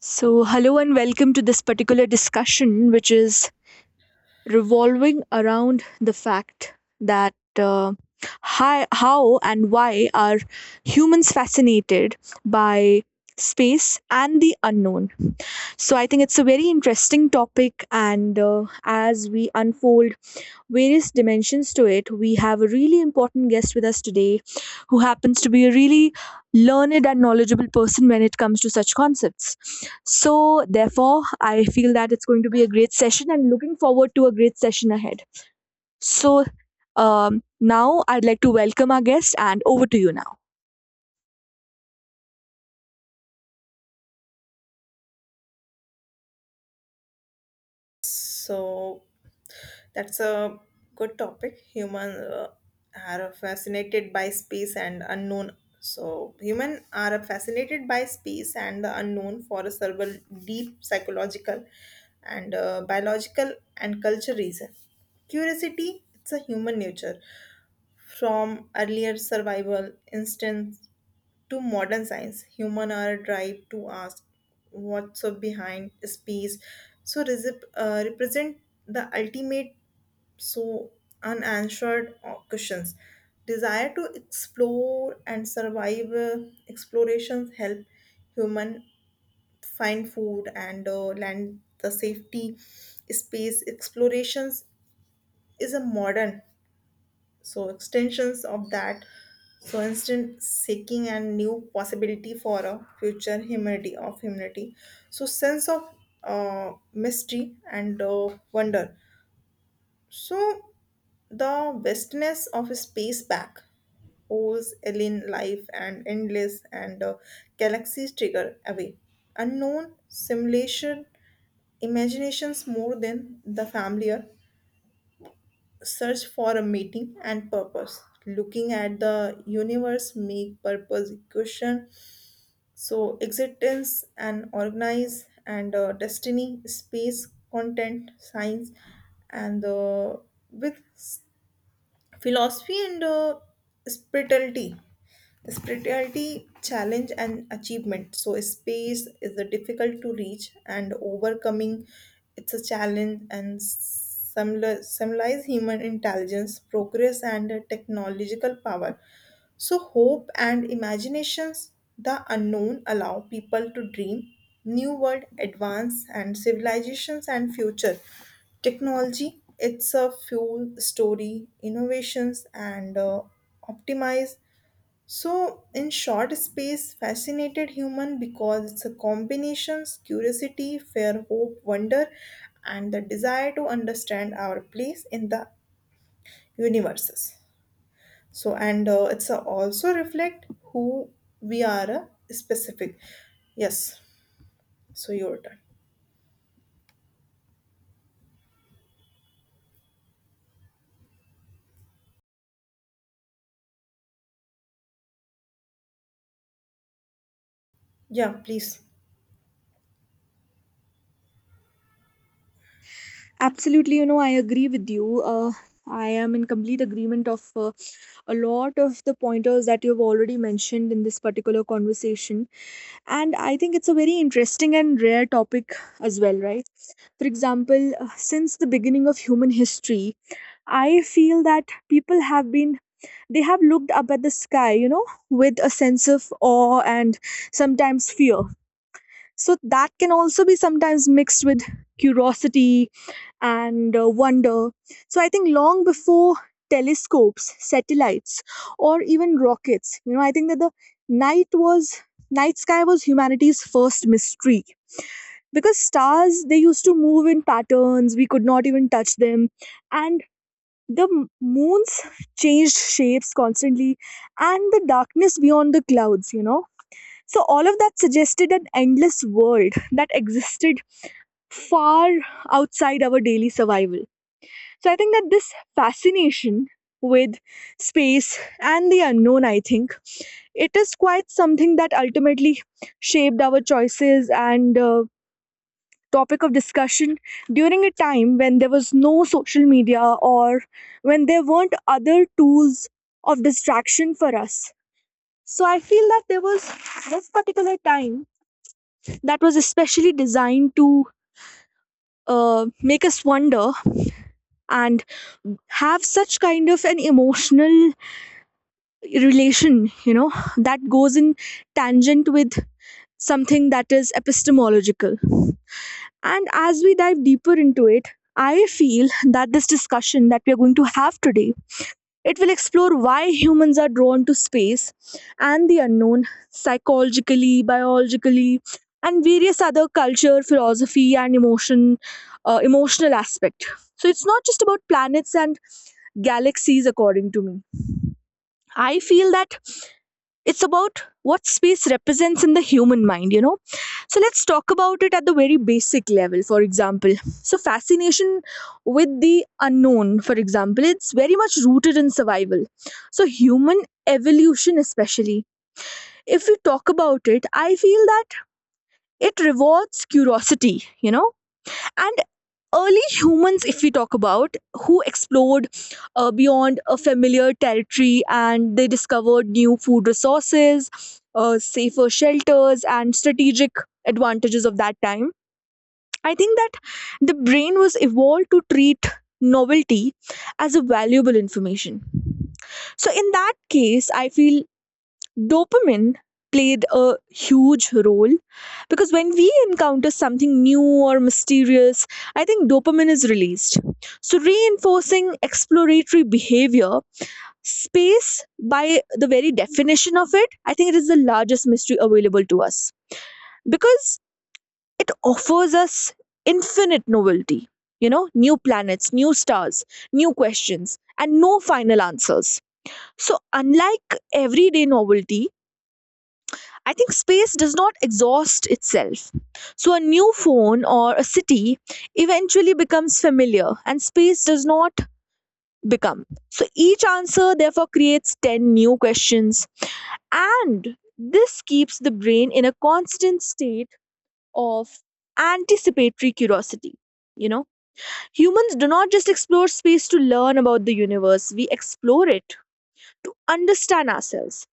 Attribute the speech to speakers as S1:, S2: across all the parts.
S1: So, hello and welcome to this particular discussion, which is revolving around the fact that how and why are humans fascinated by space and the unknown. So, I think it's a very interesting topic, and as we unfold various dimensions to it. We have a really important guest with us today who happens to be a really learned and knowledgeable person when it comes to such concepts. So, therefore, I feel that it's going to be a great session and looking forward to a great session ahead. So, Now, I'd like to welcome our guest and over to you now.
S2: So that's a good topic. Human are fascinated by space and unknown. So human are fascinated by space and the unknown for several deep psychological and biological and cultural reason. Curiosity it's a human nature from earlier survival instincts to modern science, human are drive to ask what's up behind space. So represent the ultimate so unanswered questions. Desire to explore and survive explorations help human find food and land the safety. Space explorations is a modern so extensions of that so instant seeking and new possibility for a future humanity of humanity so sense of mystery and wonder so the vastness of space back holds alien life and endless and galaxies trigger away unknown simulation imaginations more than the familiar search for a meaning and purpose looking at the universe make purpose question so existence and organize and destiny space content science and with philosophy and spirituality spirituality challenge and achievement so space is a difficult to reach and overcoming it's a challenge and similar, symbolize human intelligence progress and technological power so hope and imaginations the unknown allow people to dream new world advance and civilizations and future technology it's a fuel story, innovations, and optimize. So, in short, space fascinated human because it's a combinations curiosity, fear, hope, wonder, and the desire to understand our place in the universes. So, and it's a also reflect who we are specific. Yes. So your turn. Yeah, please.
S1: Absolutely, you know, I agree with you. I am in complete agreement of a lot of the pointers that you've already mentioned in this particular conversation. And I think it's a very interesting and rare topic as well, right? For example, since the beginning of human history, I feel that people have been, they have looked up at the sky, you know, with a sense of awe and sometimes fear. So that can also be sometimes mixed with curiosity and wonder. So I think long before telescopes, satellites, or even rockets, you know, I think that the night was night sky was humanity's first mystery because stars they used to move in patterns we could not even touch them, and the m- moons changed shapes constantly, and the darkness beyond the clouds, you know, so all of that suggested an endless world that existed far outside our daily survival. So I think that this fascination with space and the unknown, I think it is quite something that ultimately shaped our choices and topic of discussion during a time when there was no social media or when there weren't other tools of distraction for us. So I feel that there was this particular time that was especially designed to make us wonder and have such kind of an emotional relation, you know, that goes in tangent with something that is epistemological. And as we dive deeper into it, I feel that this discussion that we are going to have today, it will explore why humans are drawn to space and the unknown psychologically, biologically, and various other culture, philosophy, and emotional aspect. So it's not just about planets and galaxies, according to me. I feel that it's about what space represents in the human mind, you know. So let's talk about it at the very basic level. For example, so fascination with the unknown, for example, it's very much rooted in survival. So human evolution, especially if we talk about it, I feel that it rewards curiosity, you know. And early humans, if we talk about who explored beyond a familiar territory and they discovered new food resources, safer shelters and strategic advantages of that time, I think that the brain was evolved to treat novelty as a valuable information. So in that case I feel dopamine played a huge role because when we encounter something new or mysterious, I think dopamine is released. So, reinforcing exploratory behavior, space by the very definition of it, I think it is the largest mystery available to us because it offers us infinite novelty. You know, new planets, new stars, new questions, and no final answers. So, unlike everyday novelty, I think space does not exhaust itself. So a new phone or a city eventually becomes familiar and space does not become. So each answer therefore creates 10 new questions. And this keeps the brain in a constant state of anticipatory curiosity. You know, humans do not just explore space to learn about the universe, we explore it to understand ourselves.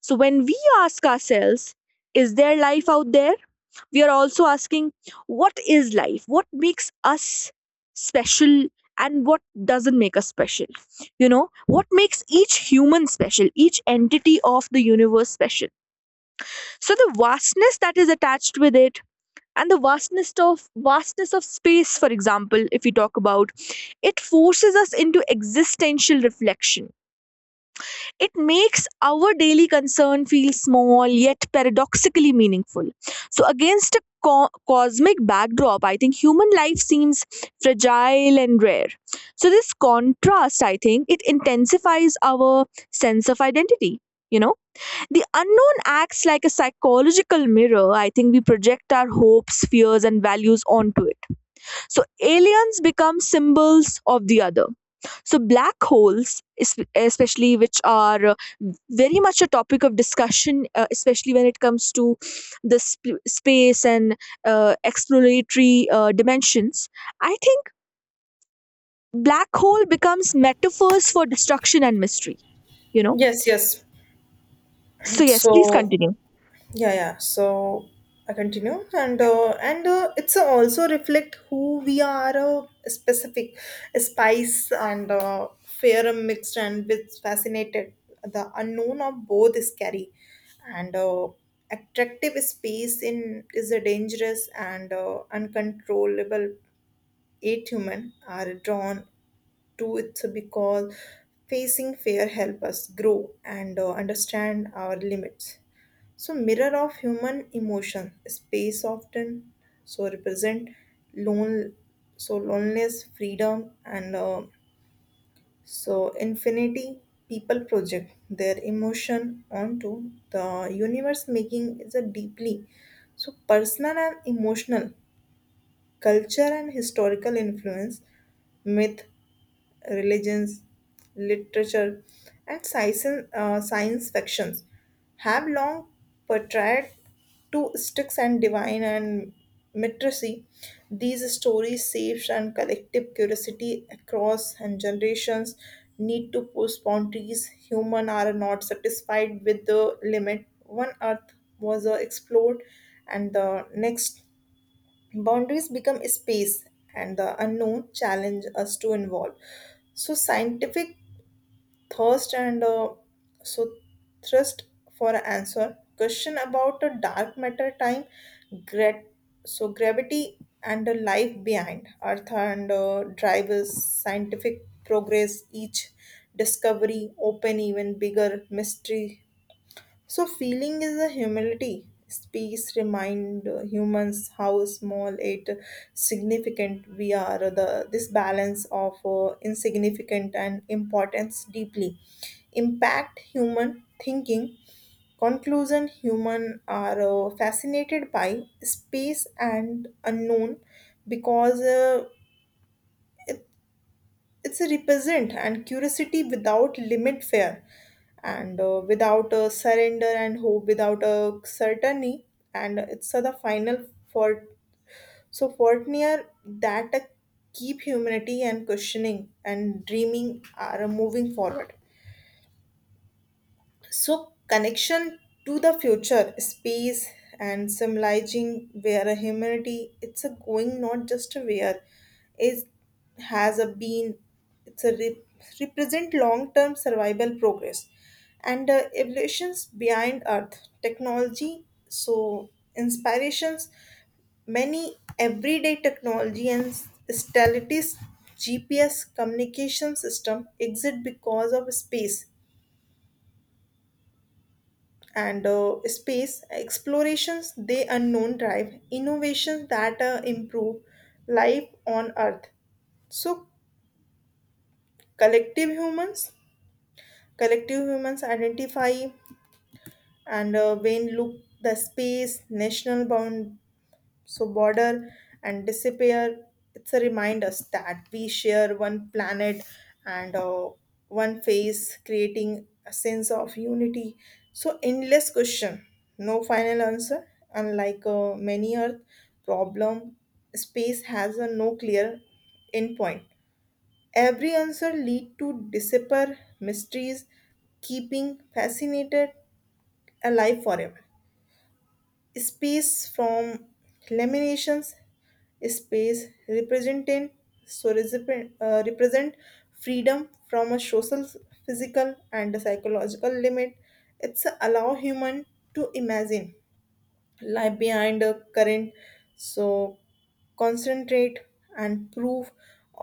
S1: So when we ask ourselves, is there life out there? We are also asking, what is life? What makes us special and what doesn't make us special? You know, what makes each human special, each entity of the universe special? So the vastness that is attached with it and the vastness of space, for example, if we talk about it, forces us into existential reflection. It makes our daily concern feel small yet paradoxically meaningful. So, against a cosmic backdrop, I think human life seems fragile and rare. So, this contrast, I think, it intensifies our sense of identity. You know, the unknown acts like a psychological mirror. I think we project our hopes, fears, and values onto it. So aliens become symbols of the other. So black holes, especially which are very much a topic of discussion, especially when it comes to the space and exploratory dimensions, I think black hole becomes metaphors for destruction and mystery, you know.
S2: Yes, yes.
S1: So yes, please
S2: So
S1: continue.
S2: yeah yeah so I continue and it's also reflect who we are specific spice and fair and mixed and with fascinated the unknown of both is scary and attractive space in is a dangerous and uncontrollable eight human are drawn to it because facing fear help us grow and understand our limits. So mirror of human emotion, space often so represent lone so loneliness, freedom and so infinity people project their emotion onto the universe making is a deeply so personal and emotional culture and historical influence myth religions, literature, and science, science fictions have long portrayed two sticks and divine and mitrecy. These stories shapes and collective curiosity across and generations need to push boundaries. Human are not satisfied with the limit. One earth was explored and the next boundaries become space, and the unknown challenge us to involve. So, scientific thirst and so thrust for an answer. Question about a dark matter, time, grat- so gravity and the life behind Earth and drivers, scientific progress. Each discovery open even bigger mystery so, feeling is a humility. Space remind humans how small it significant we are. The this balance of insignificant and importance deeply impact human thinking. Conclusion: Human are fascinated by space and unknown because it's a represent and curiosity without limit fear and without a surrender and hope without a certainty and it's the final for so Fortnier that keep humanity and questioning and dreaming are moving forward so, connection to the future, space, and symbolizing where a humanity it's a going not just a where is has a been it's a represent long term survival progress and evolutions behind earth technology so inspirations many everyday technology and stellities GPS communication system exist because of space and space explorations they unknown drive innovations that improve life on earth so collective humans collective humans identify and when look the space national bound so border and disappear it's a reminder that we share one planet and one face creating a sense of unity so endless question no final answer unlike many earth problem space has a no clear endpoint every answer lead to disappear mysteries keeping fascinated alive forever space from laminations, space representing so represent, represent freedom from a social, physical, and psychological limit. It's allow human to imagine lie behind a current so concentrate and prove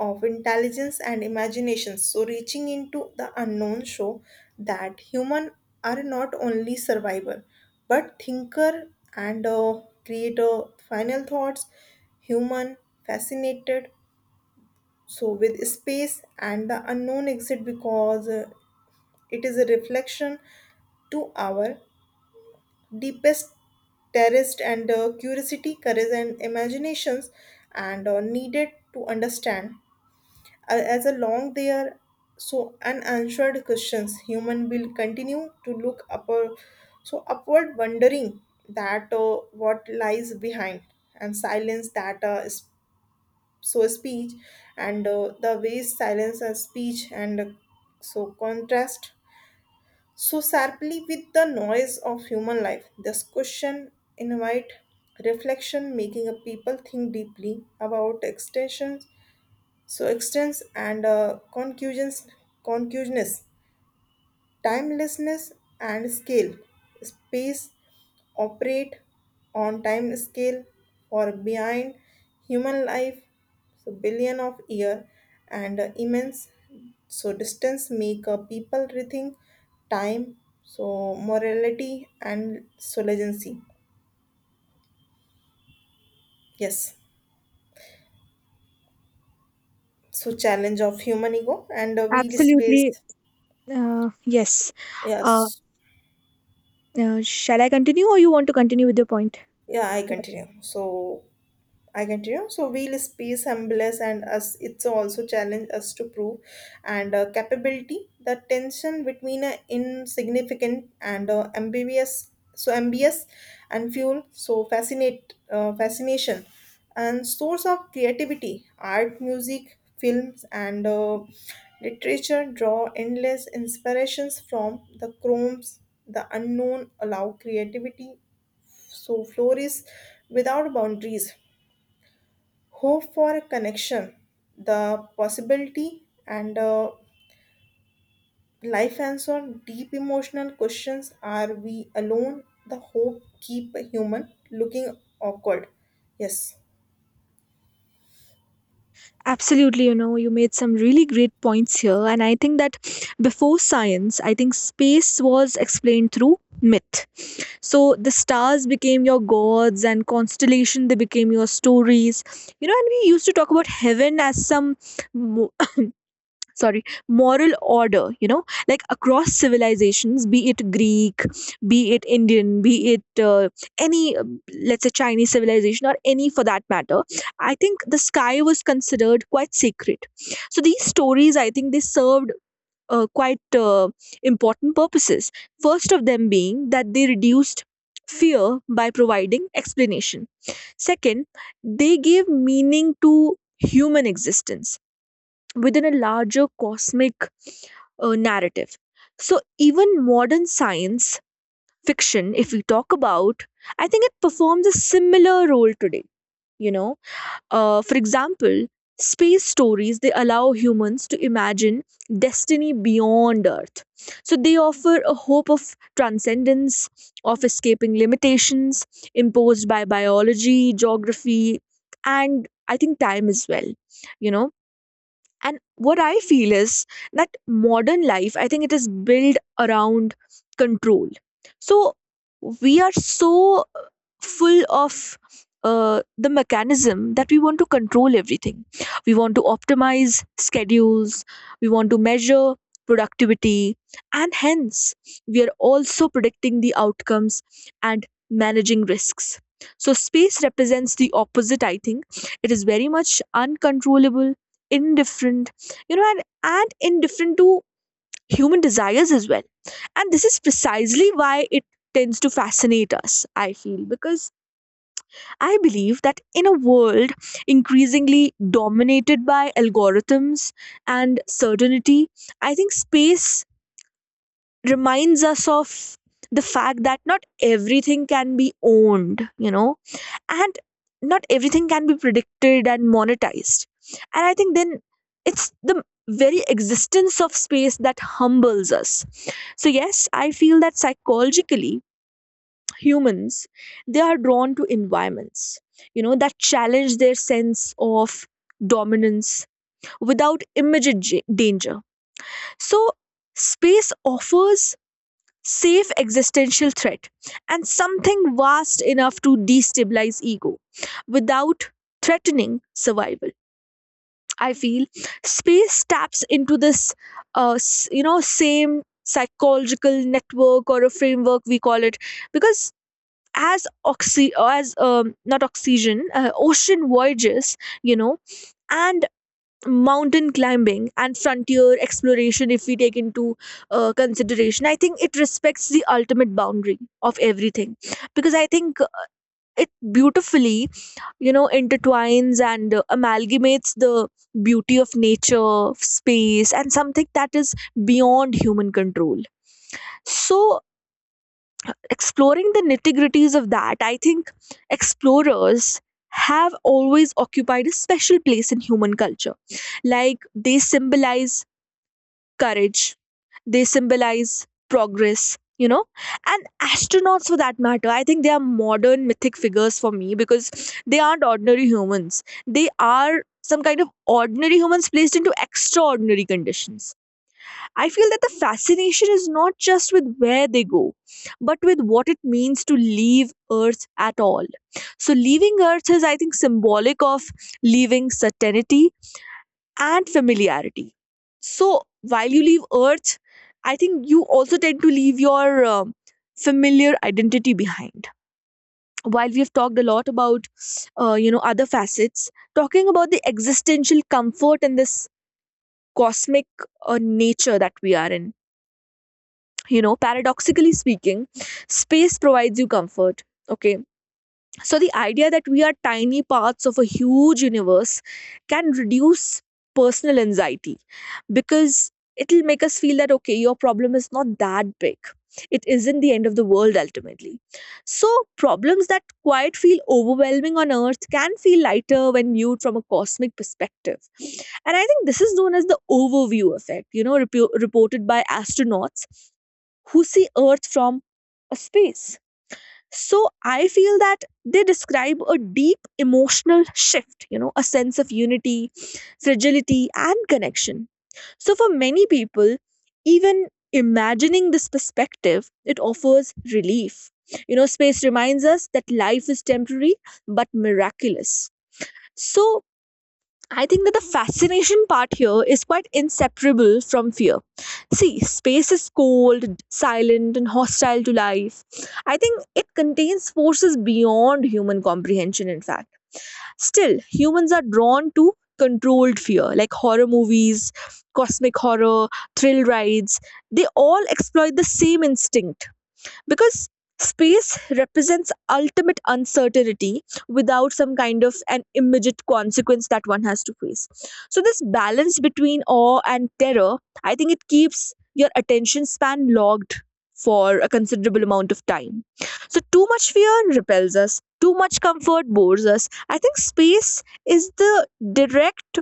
S2: of intelligence and imagination so reaching into the unknown show that human are not only survivor but thinker and creator final thoughts human fascinated so with space and the unknown exit because it is a reflection to our deepest terraced and curiosity, courage, and imaginations, and needed to understand. As a long they are so unanswered questions, human will continue to look up, so upward, wondering that what lies behind, and silence that is so speech, and the ways silence and speech, and so contrast so sharply with the noise of human life, this question invite reflection, making a people think deeply about extensions, so extents and conclusions, conclusions timelessness and scale. Space operate on time scale or behind human life, so billion of year and immense. So distance make people rethink time, so morality and so legacy. Yes. So challenge of human ego and wheel
S1: Absolutely.
S2: space.
S1: Yes. Uh,
S2: Yes.
S1: Shall I continue or you want to continue with your point?
S2: Yeah, I continue. So I continue. So wheel space humbles and us it's also challenge us to prove and capability. The tension between insignificant and ambiguous so ambiguous and fuel so fascinate fascination and source of creativity art music films and literature draw endless inspirations from the chromes the unknown allow creativity so flourish without boundaries hope for a connection, the possibility, and life answer deep emotional questions. Are we alone? The hope keep a human looking awkward. Yes.
S1: Absolutely, you know, you made some really great points here. And I think that before science, I think space was explained through myth. So the stars became your gods and constellation, they became your stories. You know, and we used to talk about heaven as some sorry moral order, you know, like across civilizations, be it Greek, be it Indian, be it any let's say Chinese civilization or any for that matter. I think the sky was considered quite sacred. So these stories, I think they served quite important purposes, first of them being that they reduced fear by providing explanation. Second, they gave meaning to human existence within a larger cosmic narrative. So, even modern science fiction, if we talk about, I think it performs a similar role today. You know, for example, space stories they allow humans to imagine destiny beyond Earth. So, they offer a hope of transcendence, of escaping limitations imposed by biology, geography, and I think time as well. You know, and what I feel is that modern life, I think it is built around control. So we are so full of the mechanism that we want to control everything. We want to optimize schedules, we want to measure productivity, and hence we are also predicting the outcomes and managing risks. So, space represents the opposite, I think. It is very much uncontrollable, indifferent, you know, and indifferent to human desires as well. And this is precisely why it tends to fascinate us, I feel, because I believe that in a world increasingly dominated by algorithms and certainty, I think space reminds us of the fact that not everything can be owned, you know, and not everything can be predicted and monetized. And I think then it's the very existence of space that humbles us. So yes, I feel that psychologically humans, they are drawn to environments, you know, that challenge their sense of dominance without immediate danger. So space offers safe existential threat, and something vast enough to destabilize ego without threatening survival. I feel space taps into this, you know, same psychological network or a framework we call it, because as oxy, or as not oxygen, ocean voyages, you know, and mountain climbing and frontier exploration, if we take into consideration, I think it respects the ultimate boundary of everything, because I think it beautifully, you know, intertwines and amalgamates the beauty of nature, space, and something that is beyond human control. So exploring the nitty-gritties of that, I think explorers have always occupied a special place in human culture. Like they symbolize courage. They symbolize progress, you know. And astronauts, for that matter, I think they are modern mythic figures for me because they aren't ordinary humans. They are some kind of ordinary humans placed into extraordinary conditions. I feel that the fascination is not just with where they go, but with what it means to leave Earth at all. So, leaving Earth is, I think, symbolic of leaving certainty and familiarity. So while you leave Earth, I think you also tend to leave your familiar identity behind. While we have talked a lot about, you know, other facets, talking about the existential comfort and this cosmic nature that we are in. You know, paradoxically speaking, space provides you comfort. Okay, so, the idea that we are tiny parts of a huge universe can reduce personal anxiety because it'll make us feel that, okay, your problem is not that big. It isn't the end of the world ultimately. So, problems that quite feel overwhelming on Earth can feel lighter when viewed from a cosmic perspective. And I think this is known as the overview effect, you know, reported by astronauts who see Earth from a space. So I feel that they describe a deep emotional shift, you know, a sense of unity, fragility, and connection. So for many people, even imagining this perspective, it offers relief. You know, space reminds us that life is temporary but miraculous. So I think that the fascination part here is quite inseparable from fear. See, space is cold, silent, and hostile to life. I think it contains forces beyond human comprehension, in fact. Still, humans are drawn to controlled fear, like horror movies, cosmic horror, thrill rides. They all exploit the same instinct because space represents ultimate uncertainty without some kind of an immediate consequence that one has to face, so this balance between awe and terror, I think it keeps your attention span logged for a considerable amount of time. So too much fear repels us, too much comfort bores us. I think space is the direct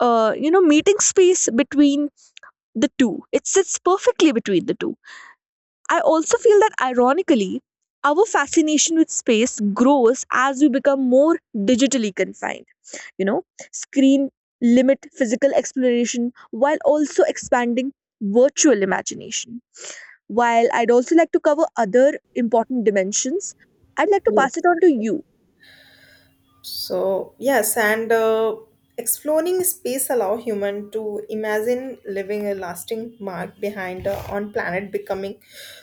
S1: meeting space between the two. It sits perfectly between the two. I also feel that ironically, our fascination with space grows as we become more digitally confined. You know, screen limit physical exploration while also expanding virtual imagination. While I'd also like to cover other important dimensions, I'd like to
S2: Yes.
S1: pass it on to you.
S2: So yes, and exploring space allow human to imagine leaving a lasting mark behind on planet becoming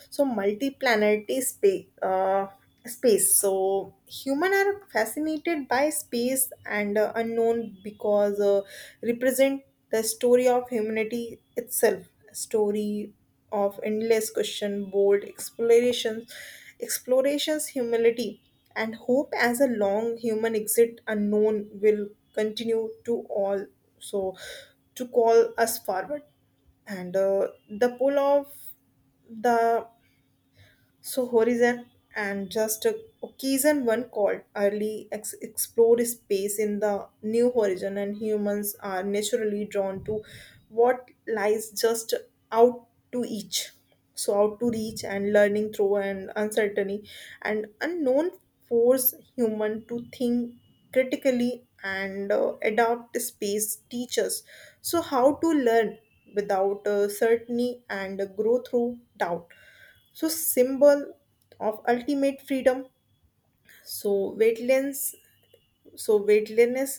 S2: so multi-planetary space. Space so human are fascinated by space and unknown because represent the story of humanity itself story of endless question, bold explorations, explorations, humility, and hope as a long human exit unknown will continue to all so to call us forward. And the pull of the so horizon and just a occasion one called early explored space in the new horizon and humans are naturally drawn to what lies just out to each. So out to reach and learning through and uncertainty and unknown force human to think critically and adapt space teachers. So how to learn without certainty and grow through doubt so symbol of ultimate freedom so wetlands so wetlandness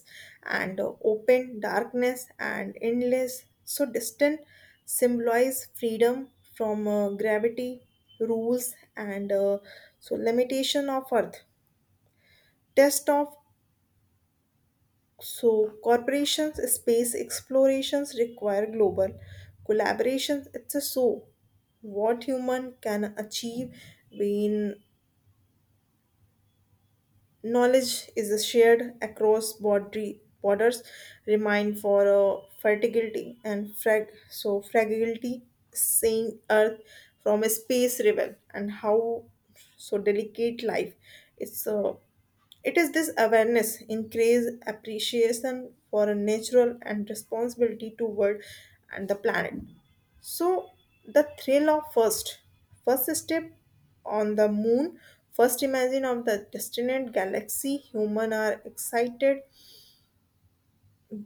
S2: and open darkness and endless so distant symbolize freedom from gravity rules and so limitation of earth test of so corporations space explorations require global collaborations it's a so what human can achieve when knowledge is shared across borders, remind for fertility and frag so fragility, seeing Earth from a space rebel and how so delicate life. It's uh, it is this awareness increase appreciation for a natural and responsibility toward and the planet. So the thrill of first, first step on the moon, first imagine of the distant galaxy, human are excited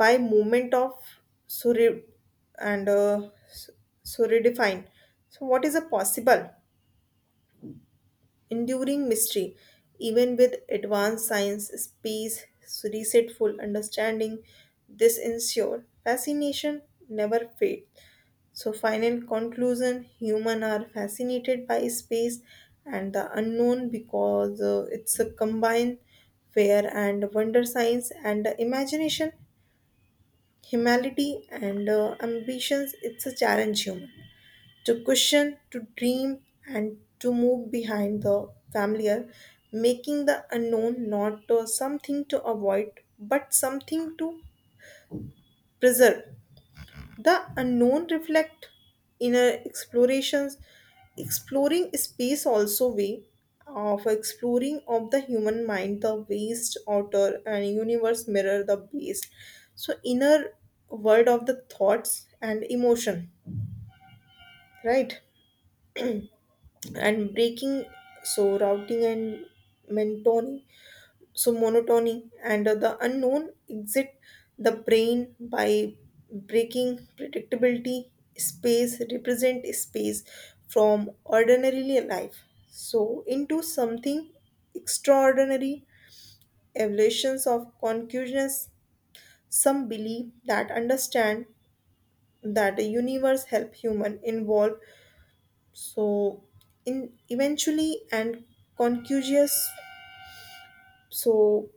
S2: by movement of Surya and Surya define. So what is a possible? Enduring mystery. Even with advanced science, space resetful understanding, this ensure fascination never fades. So, final conclusion human are fascinated by space and the unknown because it's a combined fear and wonder science and imagination, humility and ambitions. It's a challenge human. To question, to dream, and to move behind the familiar, making the unknown not something to avoid but something to preserve. The unknown reflect inner explorations, exploring space also way of exploring of the human mind, the vast outer and universe mirror the base. So inner world of the thoughts and emotion, right? And breaking so routing and mentoning so monotony and the unknown exit the brain by breaking predictability space represent space from ordinarily life so into something extraordinary evolutions of consciousness some believe that understand that the universe help human involve so in eventually and concugious so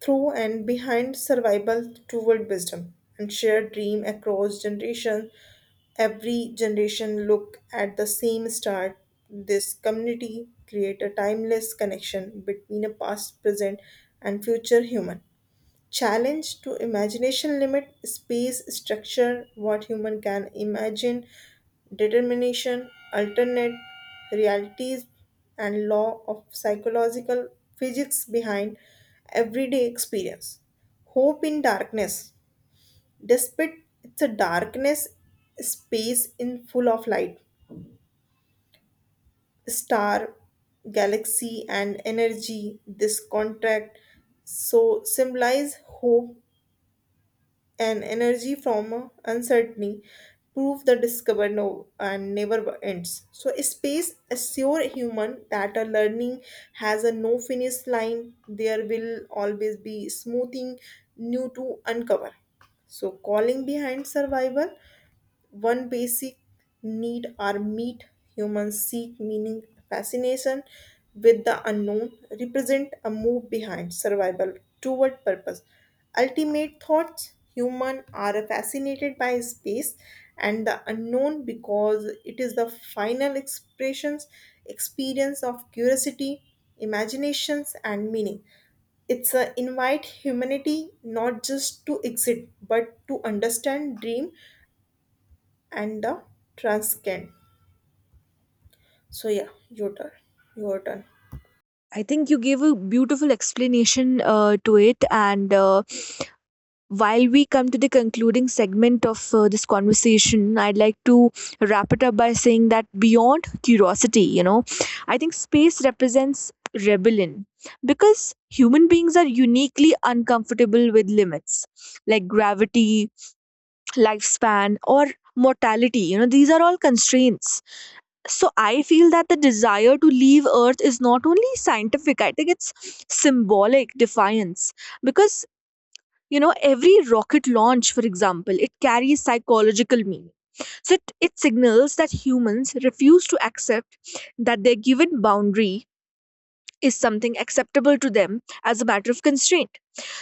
S2: through and behind survival toward wisdom and shared dream across generation every generation look at the same star this community create a timeless connection between a past present and future human challenge to imagination limit space structure what human can imagine determination alternate realities and law of psychological physics behind everyday experience hope in darkness despite it's a darkness space in full of light star galaxy and energy this contract so symbolize hope and energy from uncertainty prove the discover no and never ends so space assure human that a learning has a no finish line there will always be smoothing new to uncover so calling behind survival one basic need are meet humans seek meaning fascination with the unknown represent a move behind survival toward purpose ultimate thoughts human are fascinated by space and the unknown because it is the final expressions experience of curiosity imaginations and meaning it's a invite humanity not just to exist but to understand dream and the transcan. So yeah, your turn. Your turn.
S1: I think you gave a beautiful explanation to it, and while we come to the concluding segment of this conversation, I'd like to wrap it up by saying that beyond curiosity, you know, I think space represents rebellion because human beings are uniquely uncomfortable with limits like gravity, lifespan, or mortality. You know, these are all constraints. So I feel that the desire to leave Earth is not only scientific, I think it's symbolic defiance. Because, you know, every rocket launch, for example, it carries psychological meaning, so it signals that humans refuse to accept that their given boundary is something acceptable to them as a matter of constraint.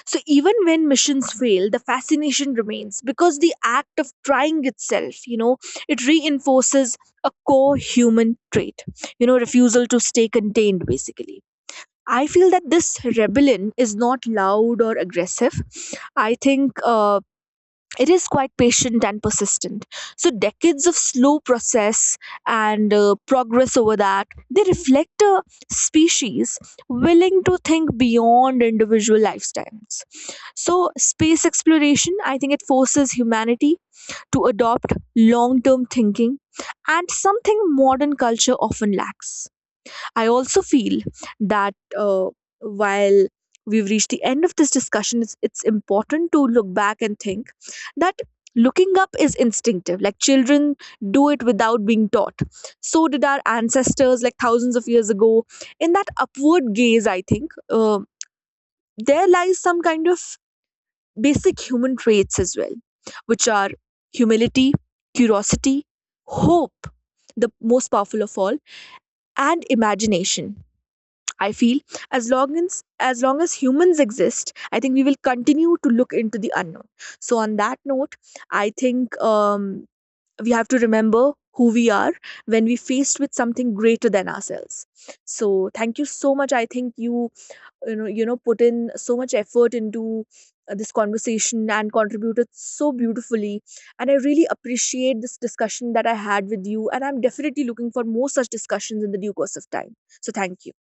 S1: So even when missions fail, the fascination remains because the act of trying itself, you know, it reinforces a core human trait, you know, refusal to stay contained, basically. I feel that this rebellion is not loud or aggressive. I think it is quite patient and persistent. So, decades of slow process and progress over that, they reflect a species willing to think beyond individual lifetimes. So, space exploration, I think it forces humanity to adopt long term thinking and something modern culture often lacks. I also feel that while we've reached the end of this discussion, it's important to look back and think that looking up is instinctive. Like children do it without being taught. So did our ancestors, like thousands of years ago. In that upward gaze, I think, there lies some kind of basic human traits as well, which are humility, curiosity, hope, the most powerful of all, and imagination. I feel as long as humans exist, I think we will continue to look into the unknown. So on that note, I think we have to remember who we are when we faced with something greater than ourselves. So thank you so much. I think you you know put in so much effort into this conversation and contributed so beautifully, and I really appreciate this discussion that I had with you, and I'm definitely looking for more such discussions in the due course of time. So thank you.